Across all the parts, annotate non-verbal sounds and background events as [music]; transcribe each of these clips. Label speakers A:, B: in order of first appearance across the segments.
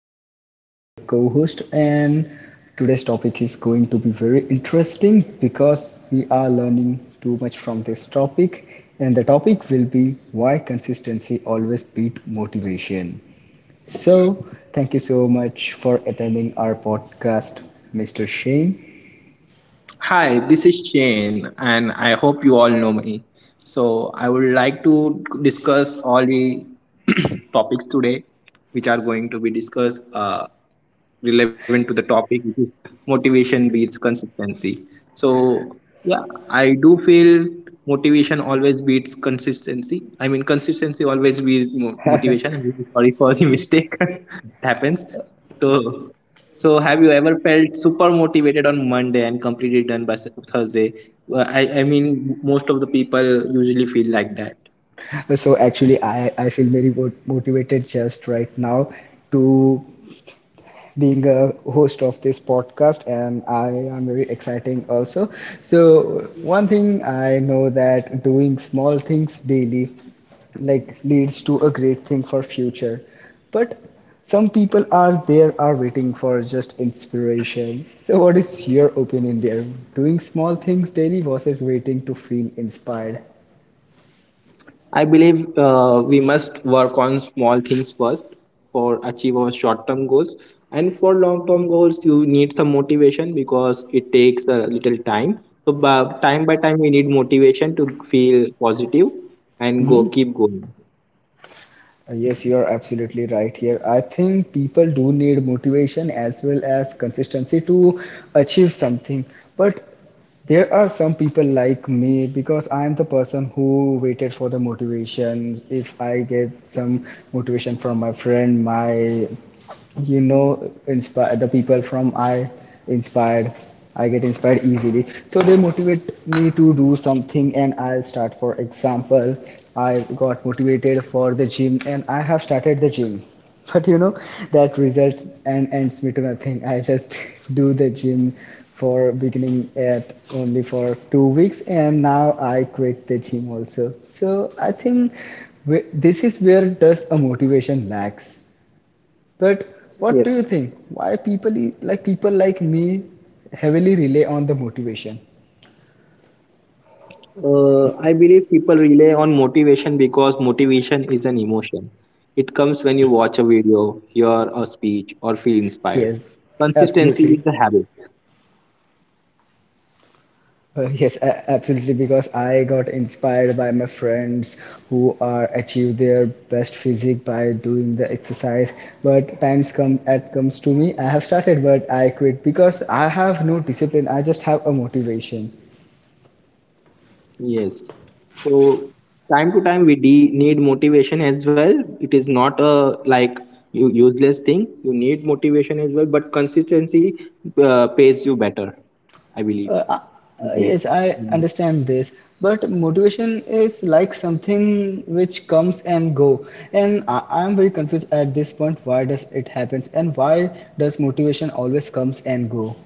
A: our guest will be the co-host, and today's topic is going to be very interesting because we are learning too much from this topic, and the topic will be why consistency always beat motivation. So, thank you so much for attending our podcast, Mr. Shane.
B: Hi, this is Shane, and I hope you all know me. So, I would like to discuss all the [clears throat] topics today, which are going to be discussed relevant to the topic, which is motivation beats consistency. So, yeah, I do feel motivation always beats consistency. I mean, consistency always beats motivation. I'm really sorry for the [laughs] mistake [laughs] that happens. So, so, have you ever felt super motivated on Monday and completely done by Thursday? Well, I mean, most of the people usually feel like that.
A: So actually, I feel very motivated just right now to being a host of this podcast, and I am very exciting also. So one thing I know, that doing small things daily like leads to a great thing for future, but some people are there are waiting for just inspiration. So what is your opinion there, doing small things daily versus waiting to feel inspired?
B: I believe we must work on small things first for achieve our short-term goals, and for long-term goals, you need some motivation because it takes a little time. So, time by time, we need motivation to feel positive and go
A: Mm-hmm.
B: keep going.
A: Yes, you are absolutely right here. I think people do need motivation as well as consistency to achieve something. But there are some people like me, because I am the person who waited for the motivation. If I get some motivation from my friend, my inspire the people from inspired I get inspired easily, so they motivate me to do something and I'll start. For example, I got motivated for the gym and I have started the gym, [laughs] but that results and ends me to nothing. I just [laughs] do the gym for beginning at only for 2 weeks, and now I quit the gym also. So I think this is where does a motivation lacks. But what do you think? Why people like people like me heavily rely on the motivation?
B: I believe people rely on motivation because motivation is an emotion. It comes when you watch a video, hear a speech, or feel inspired.
A: Yes,
B: Consistency
A: absolutely.
B: is a habit.
A: Yes, absolutely. Because I got inspired by my friends who are achieve their best physique by doing the exercise. But times comes to me. I have started, but I quit because I have no discipline. I just have a motivation.
B: Yes. So time to time we need motivation as well. It is not a like useless thing. You need motivation as well, but consistency pays you better, I believe. Right.
A: Yes, I
B: Mm-hmm.
A: understand this, but motivation is like something which comes and go, and I am very confused at this point. Why does it happens, and why does motivation always comes and go?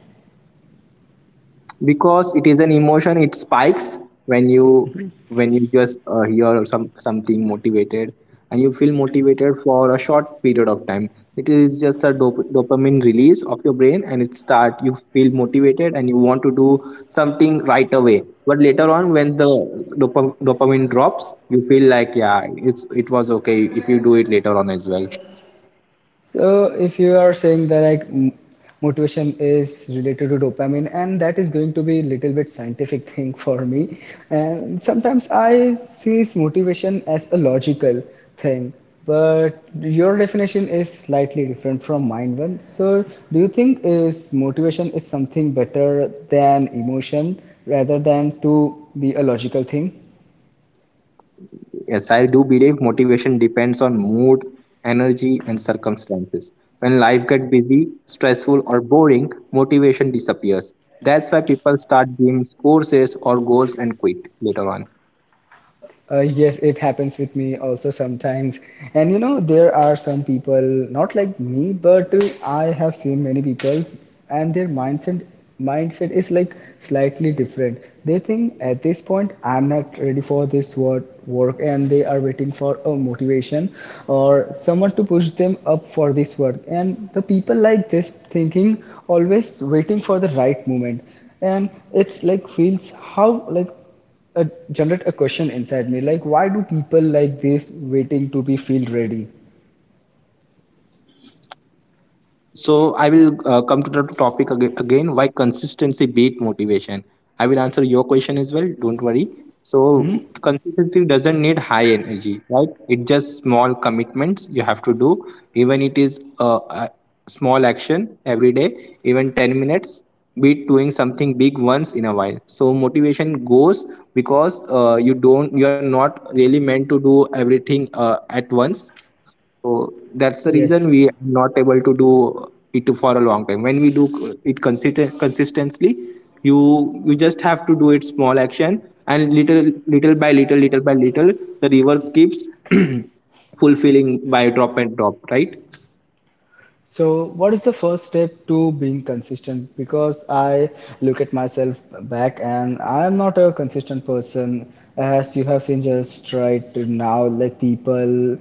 B: Because it is an emotion, it spikes when you just hear something motivated, and you feel motivated for a short period of time. It is just a dopamine release of your brain, and it start you feel motivated and you want to do something right away, but later on when the dopamine drops, you feel like, yeah, it was okay if you do it later on as well.
A: So if you are saying that like motivation is related to dopamine, and that is going to be little bit scientific thing [laughs] for me. And sometimes I see motivation as a logical thing, but your definition is slightly different from mine one. So do you think is motivation is something better than emotion rather than to be a logical thing?
B: Yes, I do believe motivation depends on mood, energy, and circumstances. When life gets busy, stressful, or boring, motivation disappears. That's why people start giving courses or goals and quit later on.
A: Yes, it happens with me also sometimes. And you know, there are some people, not like me, but I have seen many people, and their mindset is like slightly different. They think at this point I'm not ready for this work, and they are waiting for a motivation or someone to push them up for this work. And the people like this thinking always waiting for the right moment, and it's like feels how like uh, generate a question inside me, like why do people like this waiting to be field ready.
B: So I will come to the topic again. Why consistency beat motivation? I will answer your question as well. Don't worry.
A: Hmm?
B: So consistency doesn't need high energy, right? It just small commitments you have to do. Even it is a small action every day, even 10 minutes. Beat doing something big once in a while. So motivation goes because you are not really meant to do everything at once, so that's the
A: Yes.
B: reason we are not able to do it for a long time. When we do it consistently, you just have to do it small action, and little by little, little by little, the river keeps [clears throat] fulfilling by drop and drop, right?
A: So what is the first step to being consistent? Because I look at myself back and I am not a consistent person, as you have seen just right now. Like people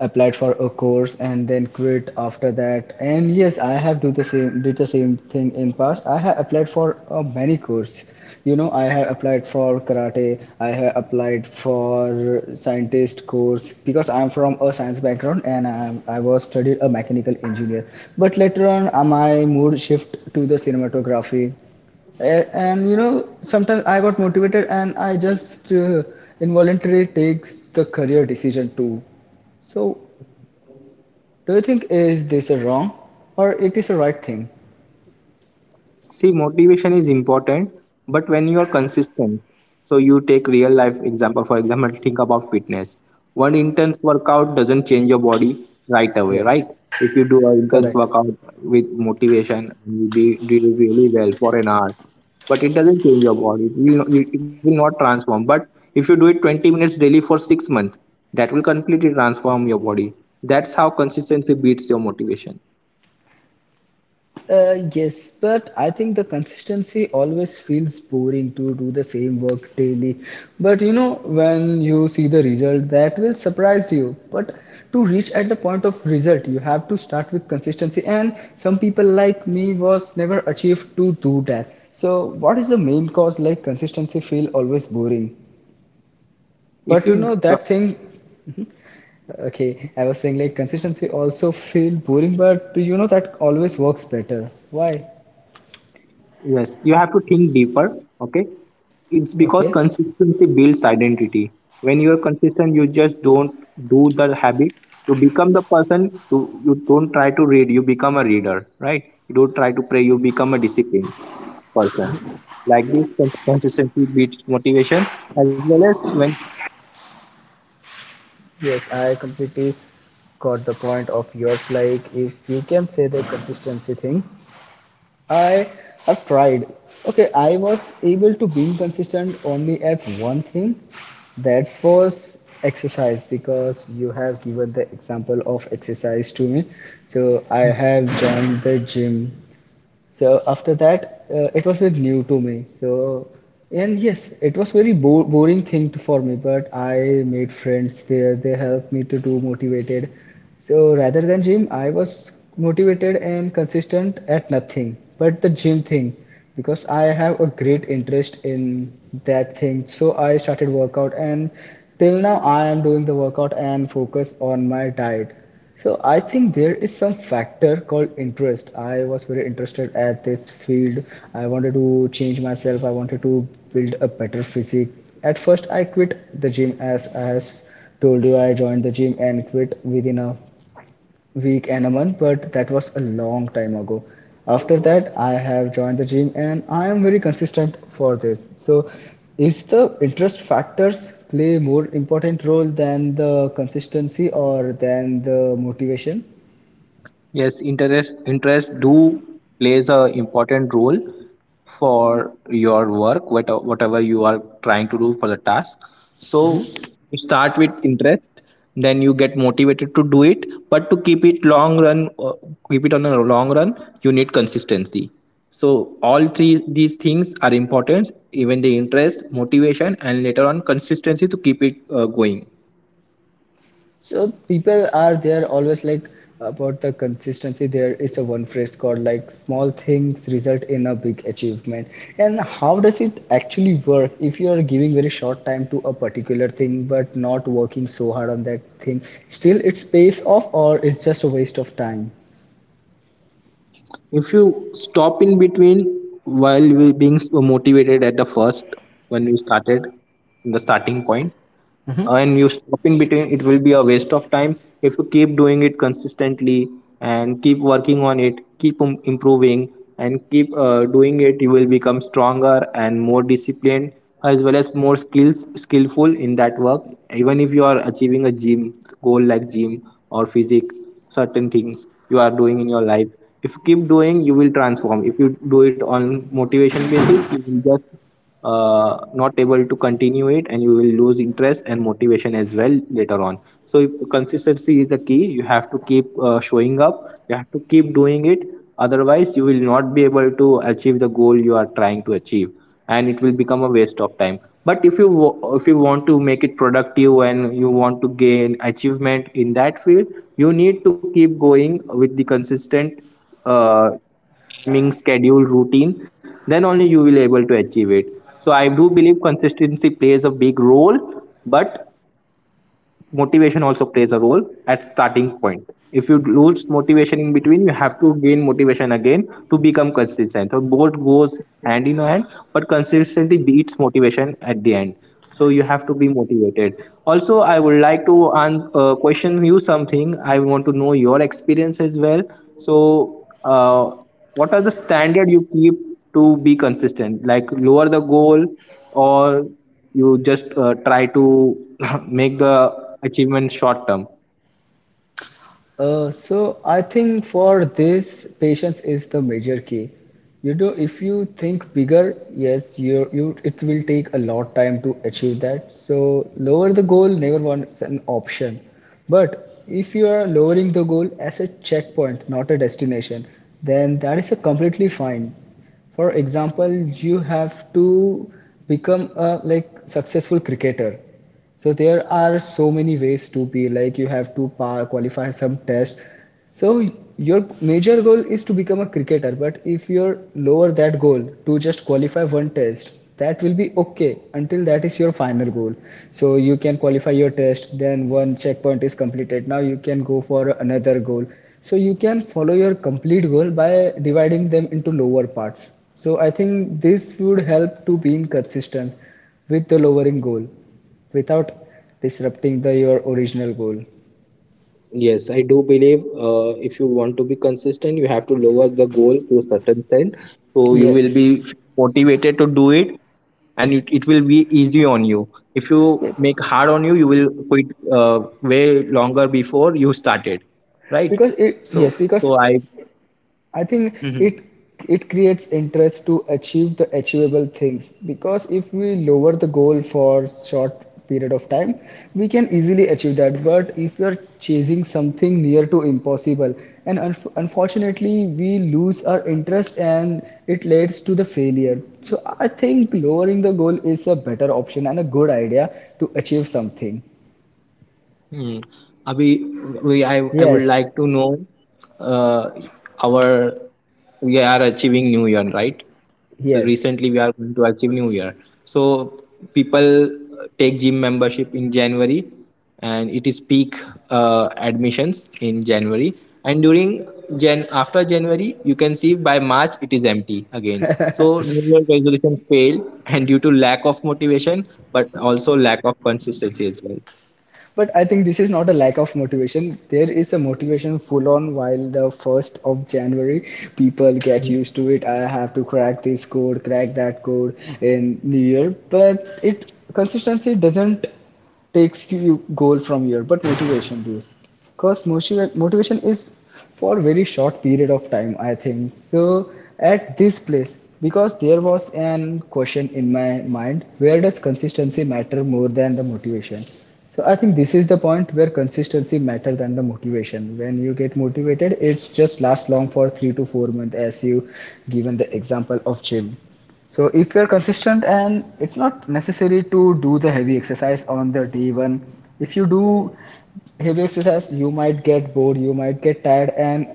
A: applied for a course and then quit after that, and yes, I have do the same did the same thing in past. I have applied for many courses. You know, I have applied for karate, I have applied for scientist course because I'm from a science background, and I was studied a mechanical engineer. But later on, my mood shift to the cinematography. And you know, sometimes I got motivated and I just involuntarily takes the career decision too. So do you think is this a wrong or it is a right thing?
B: See, motivation is important, but when you are consistent, so you take real life example. For example, think about fitness. One intense workout doesn't change your body right away, right?
A: Yes.
B: If you do an intense
A: Correct.
B: workout with motivation, you do it really well for an hour, but it doesn't change your body. It will not transform. But if you do it 20 minutes daily for 6 months, that will completely transform your body. That's how consistency beats your motivation.
A: Yes, but I think the consistency always feels boring to do the same work daily. But you know, when you see the result, that will surprise you. But to reach at the point of result, you have to start with consistency. And some people like me was never achieved to do that. So, what is the main cause, like consistency feel always boring? But you
B: If
A: know
B: you
A: that thing. Okay, I was saying like consistency also feel boring, but you know that always works better. Why?
B: Yes, you have to think deeper. Okay, it's because
A: Okay.
B: consistency builds identity. When you are consistent, you just don't do the habit. You become the person. You don't try to read. You become a reader, right? You don't try to pray. You become a disciplined person. Like this, consistency beats motivation. As well as when.
A: Yes, I completely got the point of yours. Like, if you can say the consistency thing, I have tried. Okay, I was able to be consistent only at one thing, that was exercise, because you have given the example of exercise to me. So I have joined the gym. So after that, it was very new to me. So and yes, it was very bo boring thing for me. But I made friends there. They helped me to do motivated. So rather than gym, I was motivated and consistent at nothing but the gym thing, because I have a great interest in that thing. So I started workout and till now I am doing the workout and focus on my diet. So I think there is some factor called interest. I was very interested at this field. I wanted to change myself. I wanted to build a better physique. At first, I quit the gym as told you. I joined the gym and quit within a week and a month, but that was a long time ago. After that, I have joined the gym and I am very consistent for this. So, is the interest factors play more important role than the consistency or than the motivation?
B: Yes, interest do plays a important role for your work, whatever you are trying to do for the task. So you start with interest, then you get motivated to do it. But to keep it long run, keep it on a long run, you need consistency. So all three these things are important: even the interest, motivation, and later on consistency to keep it going.
A: So people are there always like about the consistency. There is a one phrase called like small things result in a big achievement. And how does it actually work if you are giving very short time to a particular thing but not working so hard on that thing? Still, it's pays off or it's just a waste of time?
B: If you stop in between while we being so motivated at the first when we started in the starting point, and you stop in between, it will be a waste of time. If you keep doing it consistently and keep working on it, keep improving and keep doing it, you will become stronger and more disciplined, as well as more skills skillful in that work. Even if you are achieving a gym goal like gym or physique, certain things you are doing in your life, if you keep doing, you will transform. If you do it on motivation basis, you will just not able to continue it, and you will lose interest and motivation as well later on. So if consistency is the key, you have to keep showing up, you have to keep doing it, otherwise you will not be able to achieve the goal you are trying to achieve, and it will become a waste of time. But if you if you want to make it productive and you want to gain achievement in that field, you need to keep going with the consistent uh, timing, schedule, routine, then only you will able to achieve it. So I do believe consistency plays a big role, but motivation also plays a role at starting point. If you lose motivation in between, you have to gain motivation again to become consistent, so both goes hand in hand, but consistency beats motivation at the end. So you have to be motivated. Also, I would like to question you something. I want to know your experience as well. So what are the standard you keep to be consistent, like lower the goal, or you just try to [coughs] [laughs] make the achievement short term?
A: So I think for this, patience is the major key. You know, if you think bigger, yes, you it will take a lot time to achieve that. So lower the goal never was an option. But if you are lowering the goal as a checkpoint, not a destination, then that is a completely fine. For example, you have to become a like successful cricketer. So there are so many ways to be, like you have to qualify some test. So your major goal is to become a cricketer, but if you're lower that goal to just qualify one test, that will be okay until that is your final goal. So you can qualify your test, then one checkpoint is completed. Now you can go for another goal. So you can follow your complete goal by dividing them into lower parts. So I think this would help to being consistent with the lowering goal without disrupting the your original goal.
B: Yes, I do believe if you want to be consistent, you have to lower the goal to a certain extent. So you will
A: Yes,
B: be motivated to do it, and it will be easy on you. If you make
A: yes,
B: hard on you, you will quit way longer before you started, right?
A: because
B: so
A: yes, because
B: so I
A: I think
B: Mhm.
A: it it creates interest to achieve the achievable things, because if we lower the goal for short period of time, we can easily achieve that. But if you are chasing something near to impossible, and unfortunately we lose our interest, and it leads to the failure. So I think lowering the goal is a better option and a good idea to achieve something.
B: Hmm. Abhi, I would
A: Yes.
B: like to know uh, our we are achieving New Year, right? So
A: Yes.
B: recently we are going to achieve New Year. So people take gym membership in January, and it is peak admissions in January. And during Jan after January, you can see by March it is empty again. So New Year resolution fail, and due to lack of motivation, but also lack of consistency as well.
A: But I think this is not a lack of motivation. There is a motivation full on while the 1st of January. People get used to it. I have to crack this code, crack that code in New Year. But it consistency doesn't takes you goal from here, but motivation does, because motivation is for very short period of time, I think. So at this place, because there was an question in my mind, where does consistency matter more than the motivation? So I think this is the point where consistency matter than the motivation. When you get motivated, it's just lasts long for 3 to 4 months, as you given the example of gym. So if you're consistent, and it's not necessary to do the heavy exercise on the day one. If you do heavy exercise, you might get bored, you might get tired, and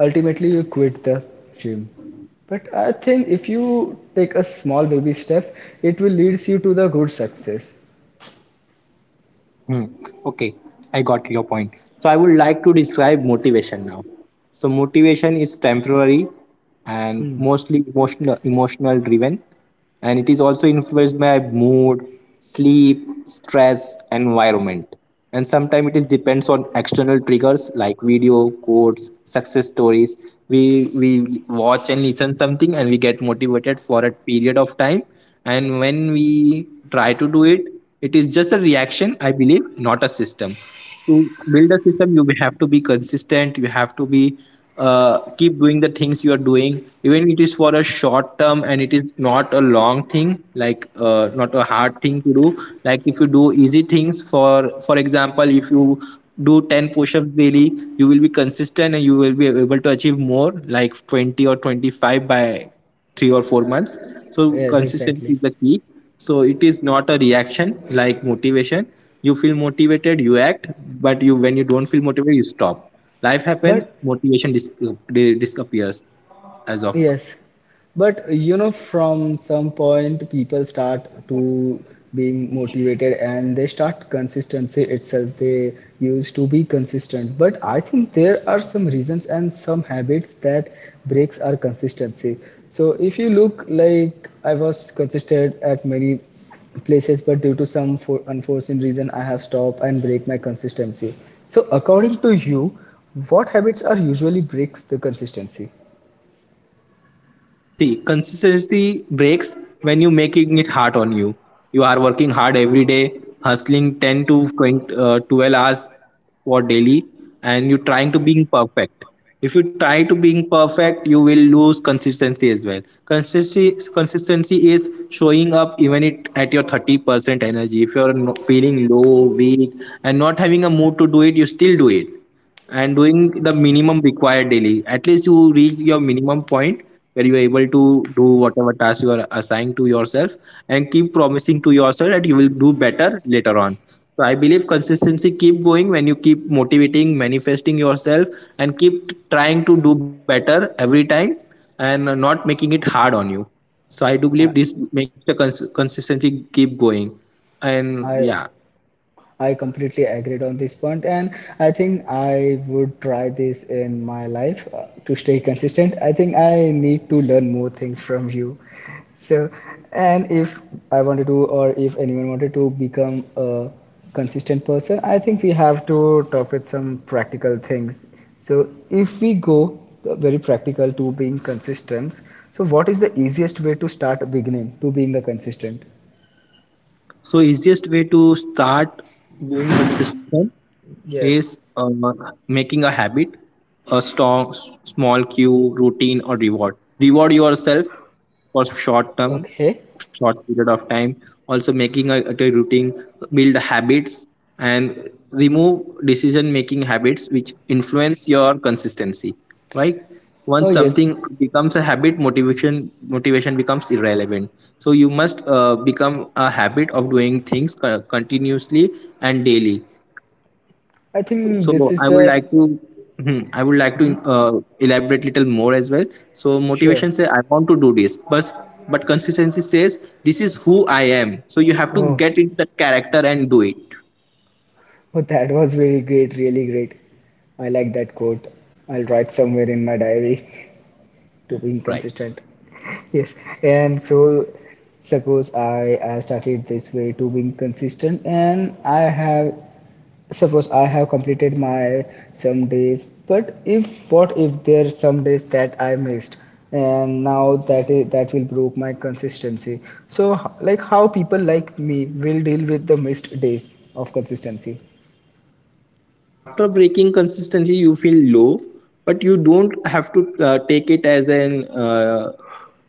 A: ultimately you quit the gym. But I think if you take a small baby steps, it will leads you to the good success.
B: Hmm. Okay, I got your point. So I would like to describe motivation now. So motivation is temporary and
A: Hmm.
B: mostly emotional driven, and it is also influenced by mood, sleep, stress, environment. And sometimes it is depends on external triggers like video, quotes, success stories. We watch and listen something, and we get motivated for a period of time, and when we try to do it, it is just a reaction, I believe, not a system. To build a system, you have to be consistent. You have to be keep doing the things you are doing, even it is for a short term and it is not a long thing, like not a hard thing to do. Like if you do easy things, for example, if you do 10 push-ups daily, you will be consistent and you will be able to achieve more like 20 or 25 by 3 or 4 months. So
A: Yes,
B: consistency
A: exactly.
B: is the key. So it is not a reaction like motivation. You feel motivated, you act, but you when you don't feel motivated, you stop. Life happens,
A: But
B: motivation disappears as of
A: yes, but you know, from some point, people start to being motivated and they start consistency itself. They used to be consistent, but I think there are some reasons and some habits that breaks our consistency. So if you look, like I was consistent at many places, but due to some for unforeseen reason, I have stopped and break my consistency. So according to you, what habits are usually breaks the consistency?
B: See, consistency breaks when you making it hard on you. You are working hard every day, hustling 10 to 20, 12 hours for daily, and you trying to being perfect. If you try to being perfect, you will lose consistency as well. Consistency is showing up even it at your 30% energy. If you're feeling low, weak, and not having a mood to do it, you still do it and doing the minimum required daily. At least you reach your minimum point where you are able to do whatever task you are assigned to yourself and keep promising to yourself that you will do better later on. So I believe consistency keep going when you keep motivating, manifesting yourself and keep trying to do better every time and not making it hard on you. So I do believe this makes the consistency keep going. And
A: I
B: yeah,
A: I completely agreed on this point, and I think I would try this in my life to stay consistent. I think I need to learn more things from you. So, and if I wanted to, or if anyone wanted to become a consistent person, I think we have to talk with some practical things. So, if we go very practical to being consistent, so what is the easiest way to start beginning to being a consistent?
B: so easiest way to start being consistent is
A: Yes.
B: making a habit, a strong, small cue, routine, or reward. Reward yourself for short term,
A: Okay.
B: short period of time. Also, making a routine, build habits, and remove decision making habits which influence your consistency. Right?
A: Oh,
B: Once
A: yes.
B: something becomes a habit, motivation becomes irrelevant. So you must become a habit of doing things continuously and daily,
A: I think this
B: so
A: is
B: I would
A: the
B: like to, Mhm. I would like to elaborate little more as well. So
A: sure.
B: motivation says I want to do this, but consistency says this is who I am. So you have to
A: Oh,
B: get into the character and do it.
A: oh, that was very great, really great. I like that quote. I'll write somewhere in my diary. [laughs] To be
B: Right.
A: consistent. Yes, and so suppose I started this way to being consistent, and I have suppose I have completed my some days, but if what if there are some days that I missed, and now that is, that will broke my consistency. So like how people like me will deal with the missed days of consistency.
B: After breaking consistency you feel low, but you don't have to take it as an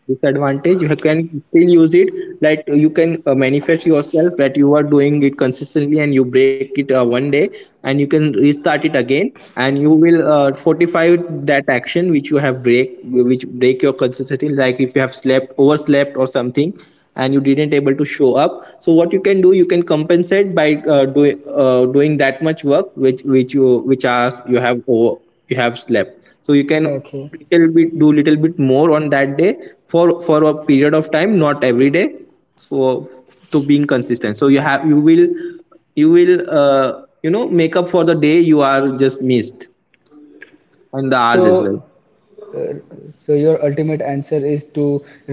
B: disadvantage. You can still use it, like you can manifest yourself that you are doing it consistently and you break it one day, and you can restart it again, and you will fortify that action which you have break which break your consistency, like if you have slept overslept or something and you didn't able to show up. So what you can do, you can compensate by doing that much work which you which hours you have over, you have slept, so you can
A: Okay,
B: little bit do little bit more on that day, for a period of time, not every day, for to being consistent. So you have you will you know make up for the day you are just missed, and the hours
A: so
B: as well.
A: Uh, so your ultimate answer is to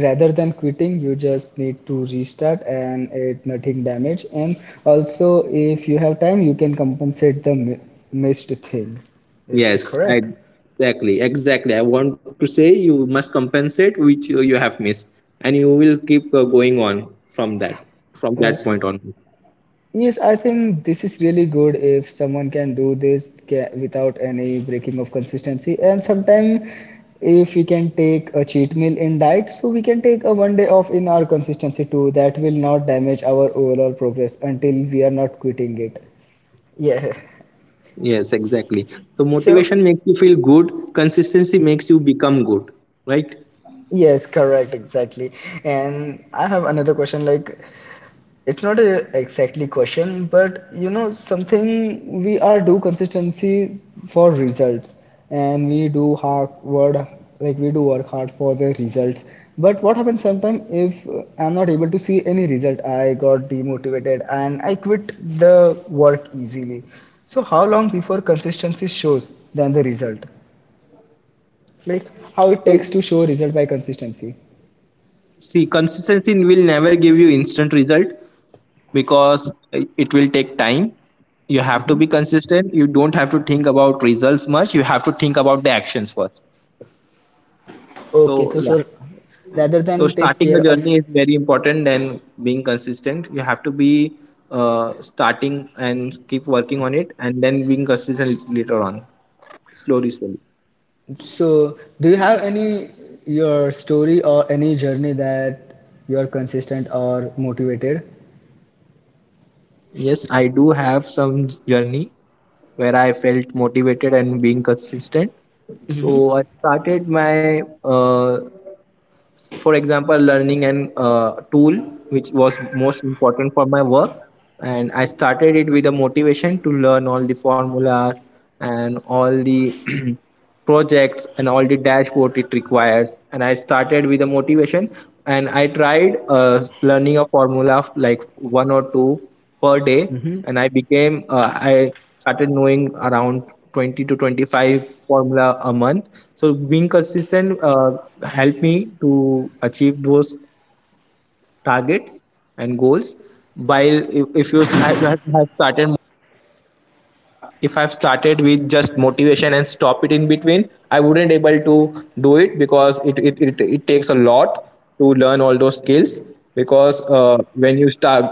A: rather than quitting you just need to restart and it nothing damage and also if you have time you can compensate the missed thing, is this
B: Yes, I
A: correct?
B: exactly. I want to say you must compensate which you have missed, and you will keep going on from
A: uh,
B: that point on.
A: Yes, I think this is really good if someone can do this without any breaking of consistency. And sometimes, if we can take a cheat meal in diet, so we can take a one day off in our consistency too. That will not damage our overall progress until we are not quitting it. Yeah.
B: Yes, exactly. So
A: So,
B: motivation makes you feel good. Consistency makes you become good, right?
A: yes, correct, exactly. And I have another question like, it's not a exactly question, but you know, something we are do consistency for results, and we do hard word like we do work hard for the results. But what happens sometimes if I'm not able to see any result? I got demotivated and I quit the work easily. So how long before consistency shows than the result? Like how it
B: So
A: takes to show result by consistency?
B: see, consistency will never give you instant result because it will take time. You have to
A: Hmm.
B: be consistent. You don't have to think about results much. You have to think about the actions first.
A: Okay,
B: So
A: so,
B: yeah.
A: so rather
B: So
A: than take
B: starting a
A: care of,
B: journey is very important and being consistent. You have to be starting and keep working on it and then being consistent later on, slowly, slowly.
A: so, do you have any your story or any journey that you are consistent or motivated?
B: Yes, I do have some journey where I felt motivated and being consistent. So I started my for example learning an tool which was most important for my work, and I started it with a motivation to learn all the formulas and all the [clears throat] projects and all the dashboard it requires. And I started with a motivation, and I tried learning a formula of like one or two per day,
A: Hmm.
B: and I became I started knowing around 20 to 25 formula a month. So being consistent helped me to achieve those targets and goals. While if you st- I have started start if I've started with just motivation and stop it in between, I wouldn't able to do it because it takes a lot to learn all those skills, because when you start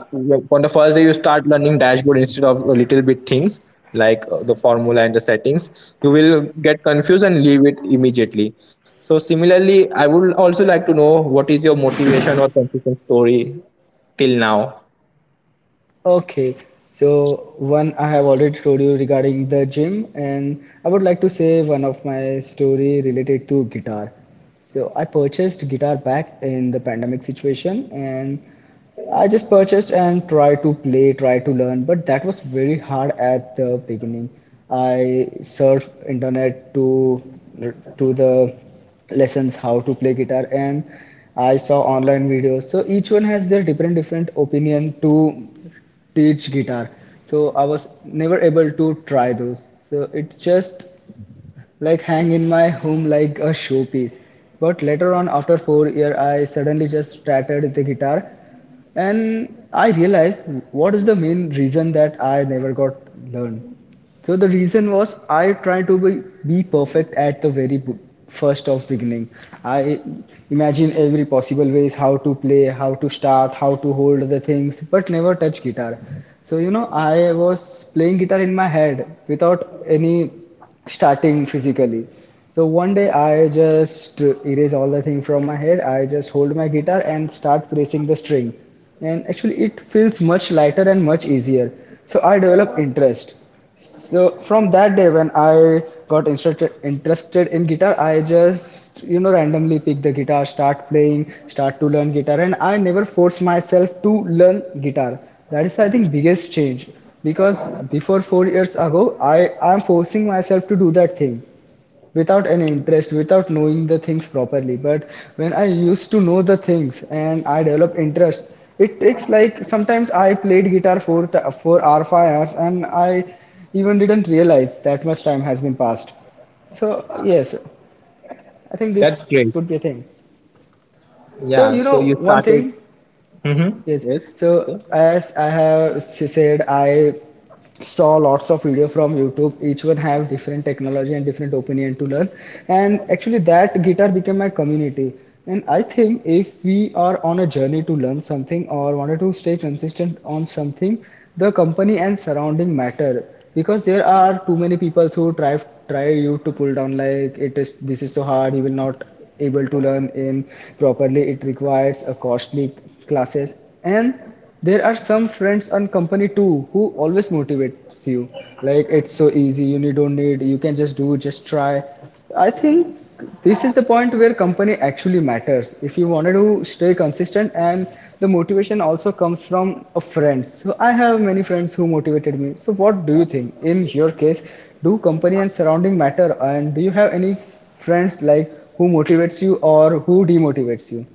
B: on the first day, you start learning dashboard instead of a little bit things like the formula and the settings, you will get confused and leave it immediately. So similarly, I would also like to know, what is your motivation or consistent story till now?
A: Okay. So, one I have already told you regarding the gym, and I would like to say one of my story related to guitar. So, I purchased guitar back in the pandemic situation, and I just purchased and try to play, try to learn, but that was very hard at the beginning. I searched internet to the lessons how to play guitar, and I saw online videos. So each one has their different different opinion to teach guitar. So I was never able to try those. So it just like hang in my home like a showpiece. But later on, after 4 years, I suddenly just started the guitar, and I realized what is the main reason that I never got learned. So the reason was I tried to be perfect at the very first of beginning. I imagine every possible ways how to play, how to start, how to hold the things, but never touch guitar. So you know I was playing guitar in my head without any starting physically. So one day I just erase all the thing from my head. I just hold my guitar and start pressing the string. And actually it feels much lighter and much easier. So I develop interest. So from that day when I got interested in guitar, I just you know randomly pick the guitar, start playing, start to learn guitar and I never force myself to learn guitar. That is I think biggest change because before 4 years ago I am forcing myself to do that thing without any interest, without knowing the things properly, but when I used to know the things and I develop interest, it takes like sometimes I played guitar for th- for hour 5 hours and I even didn't realize that much time has been passed. So yes, I think this
B: That's great.
A: would be a thing. So
B: Yeah,
A: you know,
B: so you
A: one
B: started.
A: thing, yes,
B: Mm-hmm. Yes.
A: so
B: Okay.
A: as I have said, I saw lots of video from YouTube, each one have different technology and different opinion to learn, and actually that guitar became my community. And I think if we are on a journey to learn something or wanted to stay consistent on something, the company and surrounding matter, because there are too many people who try you to pull down like it is, this is so hard, you will not able to learn in properly, it requires a costly classes. And there are some friends and company too who always motivates you. Like it's so easy, you need, don't need, you can just do, just try. I think this is the point where company actually matters. If you wanted to stay consistent and the motivation also comes from a friend. So I have many friends who motivated me. So what do you think? In your case, do company and surrounding matter and do you have any friends like who motivates you or who demotivates you?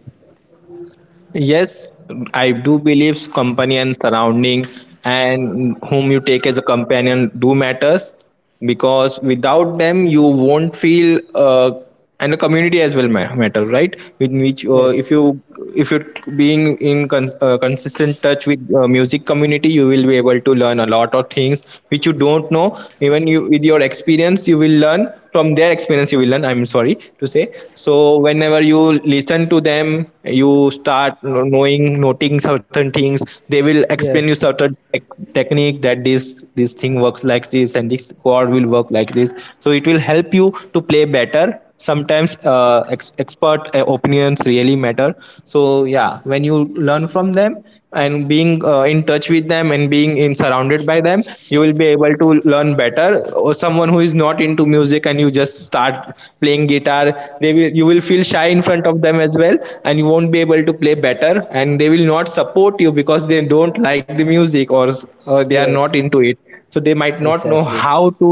B: Yes, I do believe company and surrounding and whom you take as a companion do matters, because without them you won't feel and the community as well matter, right? With which
A: Yes.
B: if you if you're being in consistent touch with music community, you will be able to learn a lot of things which you don't know. Even you, with your experience, you will learn from their experience. You will learn, I'm sorry to say, so whenever you listen to them time, you start knowing noting certain things. They will explain you
A: Yes.
B: certain technique, that this thing works like this and this chord will work like this. So it will help you to play better. Sometimes expert opinions really matter. So yeah, when you learn from them and being in touch with them and being in surrounded by them, you will be able to learn better. Or someone who is not into music and you just start playing guitar, they will you will feel shy in front of them as well, and you won't be able to play better, and they will not support you because they don't like the music, or they are not
A: Yes.
B: into it. So they might not know
A: Exactly.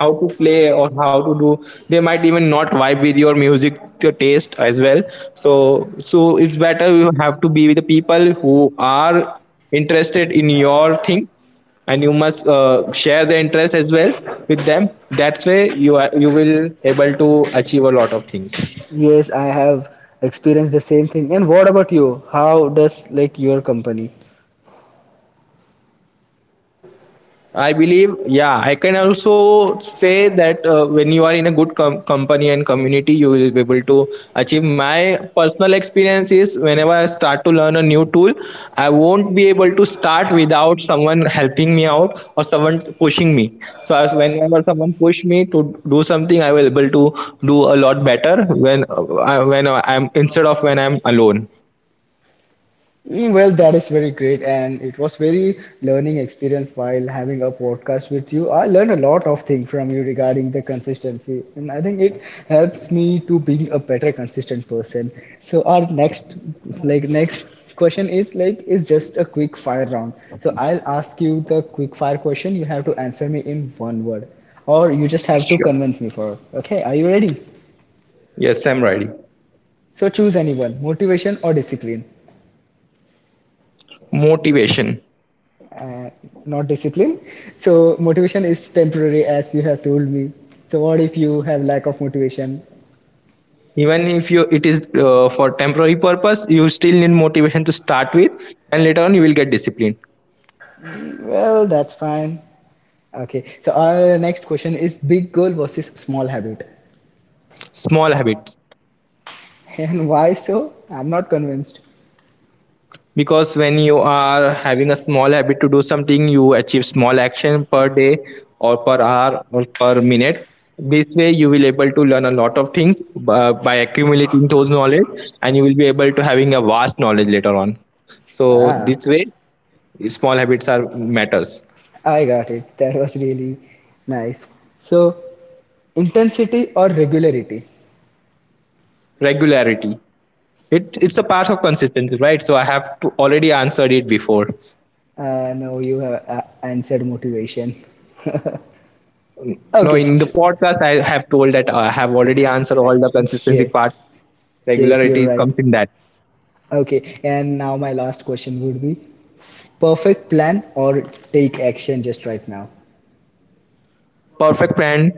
B: how to play or how to do. They might even not vibe with your music, your taste as well. So so it's better you have to be with the people who are interested in your thing, and you must share the interest as well with them. That's way you will able to achieve a lot of things.
A: Yes, I have experienced the same thing. And what about you? How does like your company?
B: I believe, yeah, I can also say that when you are in a good company and community, you will be able to achieve. My personal experience is whenever I start to learn a new tool, I won't be able to start without someone helping me out or someone pushing me. So, as whenever someone push me to do something, I will able to do a lot better when when I'm, instead of when I'm alone.
A: Mm, well, that is very great, and it was very learning experience while having a podcast with you. I learned a lot of things from you regarding the consistency, and I think it helps me to being a better consistent person. So our next, like next question is like it's just a quick fire round. So I'll ask you the quick fire question. You have to answer me in one word, or you just have to
B: Sure.
A: convince me for it. Okay, are you ready?
B: Yes, I'm ready.
A: So choose anyone, motivation or discipline.
B: Motivation.
A: uh, Not discipline, so motivation is temporary as you have told me, so what if you have lack of motivation?
B: Even if you it is for temporary purpose, you still need motivation to start with, and later on you will get discipline.
A: Well, that's fine. Okay, so our next question is big goal versus small habit.
B: Small habits,
A: [laughs] And why? So I'm not convinced.
B: because when you are having a small habit to do something, you achieve small action per day or per hour or per minute. This way you will able to learn a lot of things by accumulating those knowledge, and you will be able to having a vast knowledge later on. So
A: Ah,
B: this way small habits are matters.
A: I got it, that was really nice. So, intensity or regularity?
B: Regularity. It, it's a part of consistency, right? So I have to already answered it before.
A: No, you have answered motivation. [laughs]
B: No,
A: Okay,
B: in the podcast, I have told that I have already answered
A: I-
B: all the consistency
A: yes,
B: part.
A: yes you're
B: Regularity
A: right.
B: comes in that.
A: Okay, and now my last question would be, perfect plan or take action just right now?
B: Perfect plan,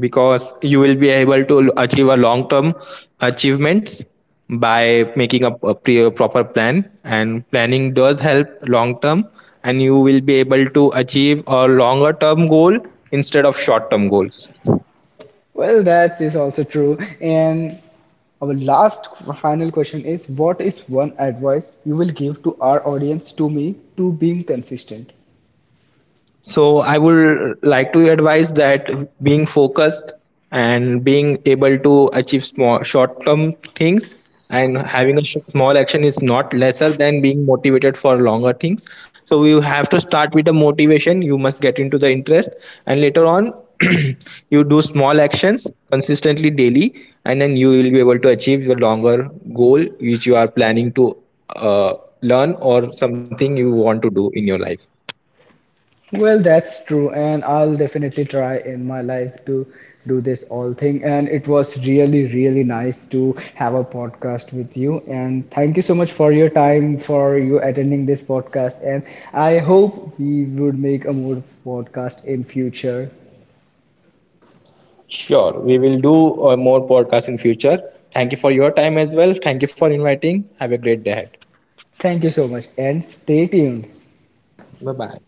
B: because you will be able to achieve a long term achievements by making a a proper plan, and planning does help long term, and you will be able to achieve a longer term goal instead of short term goals.
A: Well, that is also true. And our last final question is, what is one advice you will give to our audience to me to being consistent?
B: So I would like to advise that being focused and being able to achieve small short-term things and having a small action is not lesser than being motivated for longer things. So you have to start with the motivation. You must get into the interest, and later on, [clears throat] you do small actions consistently daily, and then you will be able to achieve your longer goal which you are planning to uh, learn, or something you want to do in your life.
A: Well, that's true, and I'll definitely try in my life to do this all thing. And it was really, really nice to have a podcast with you. And thank you so much for your time, for you attending this podcast. And I hope we would make a more podcast in future.
B: Sure, we will do more podcasts in future. Thank you for your time as well. Thank you for inviting. Have a great day ahead.
A: Thank you so much, and stay tuned.
B: Bye bye.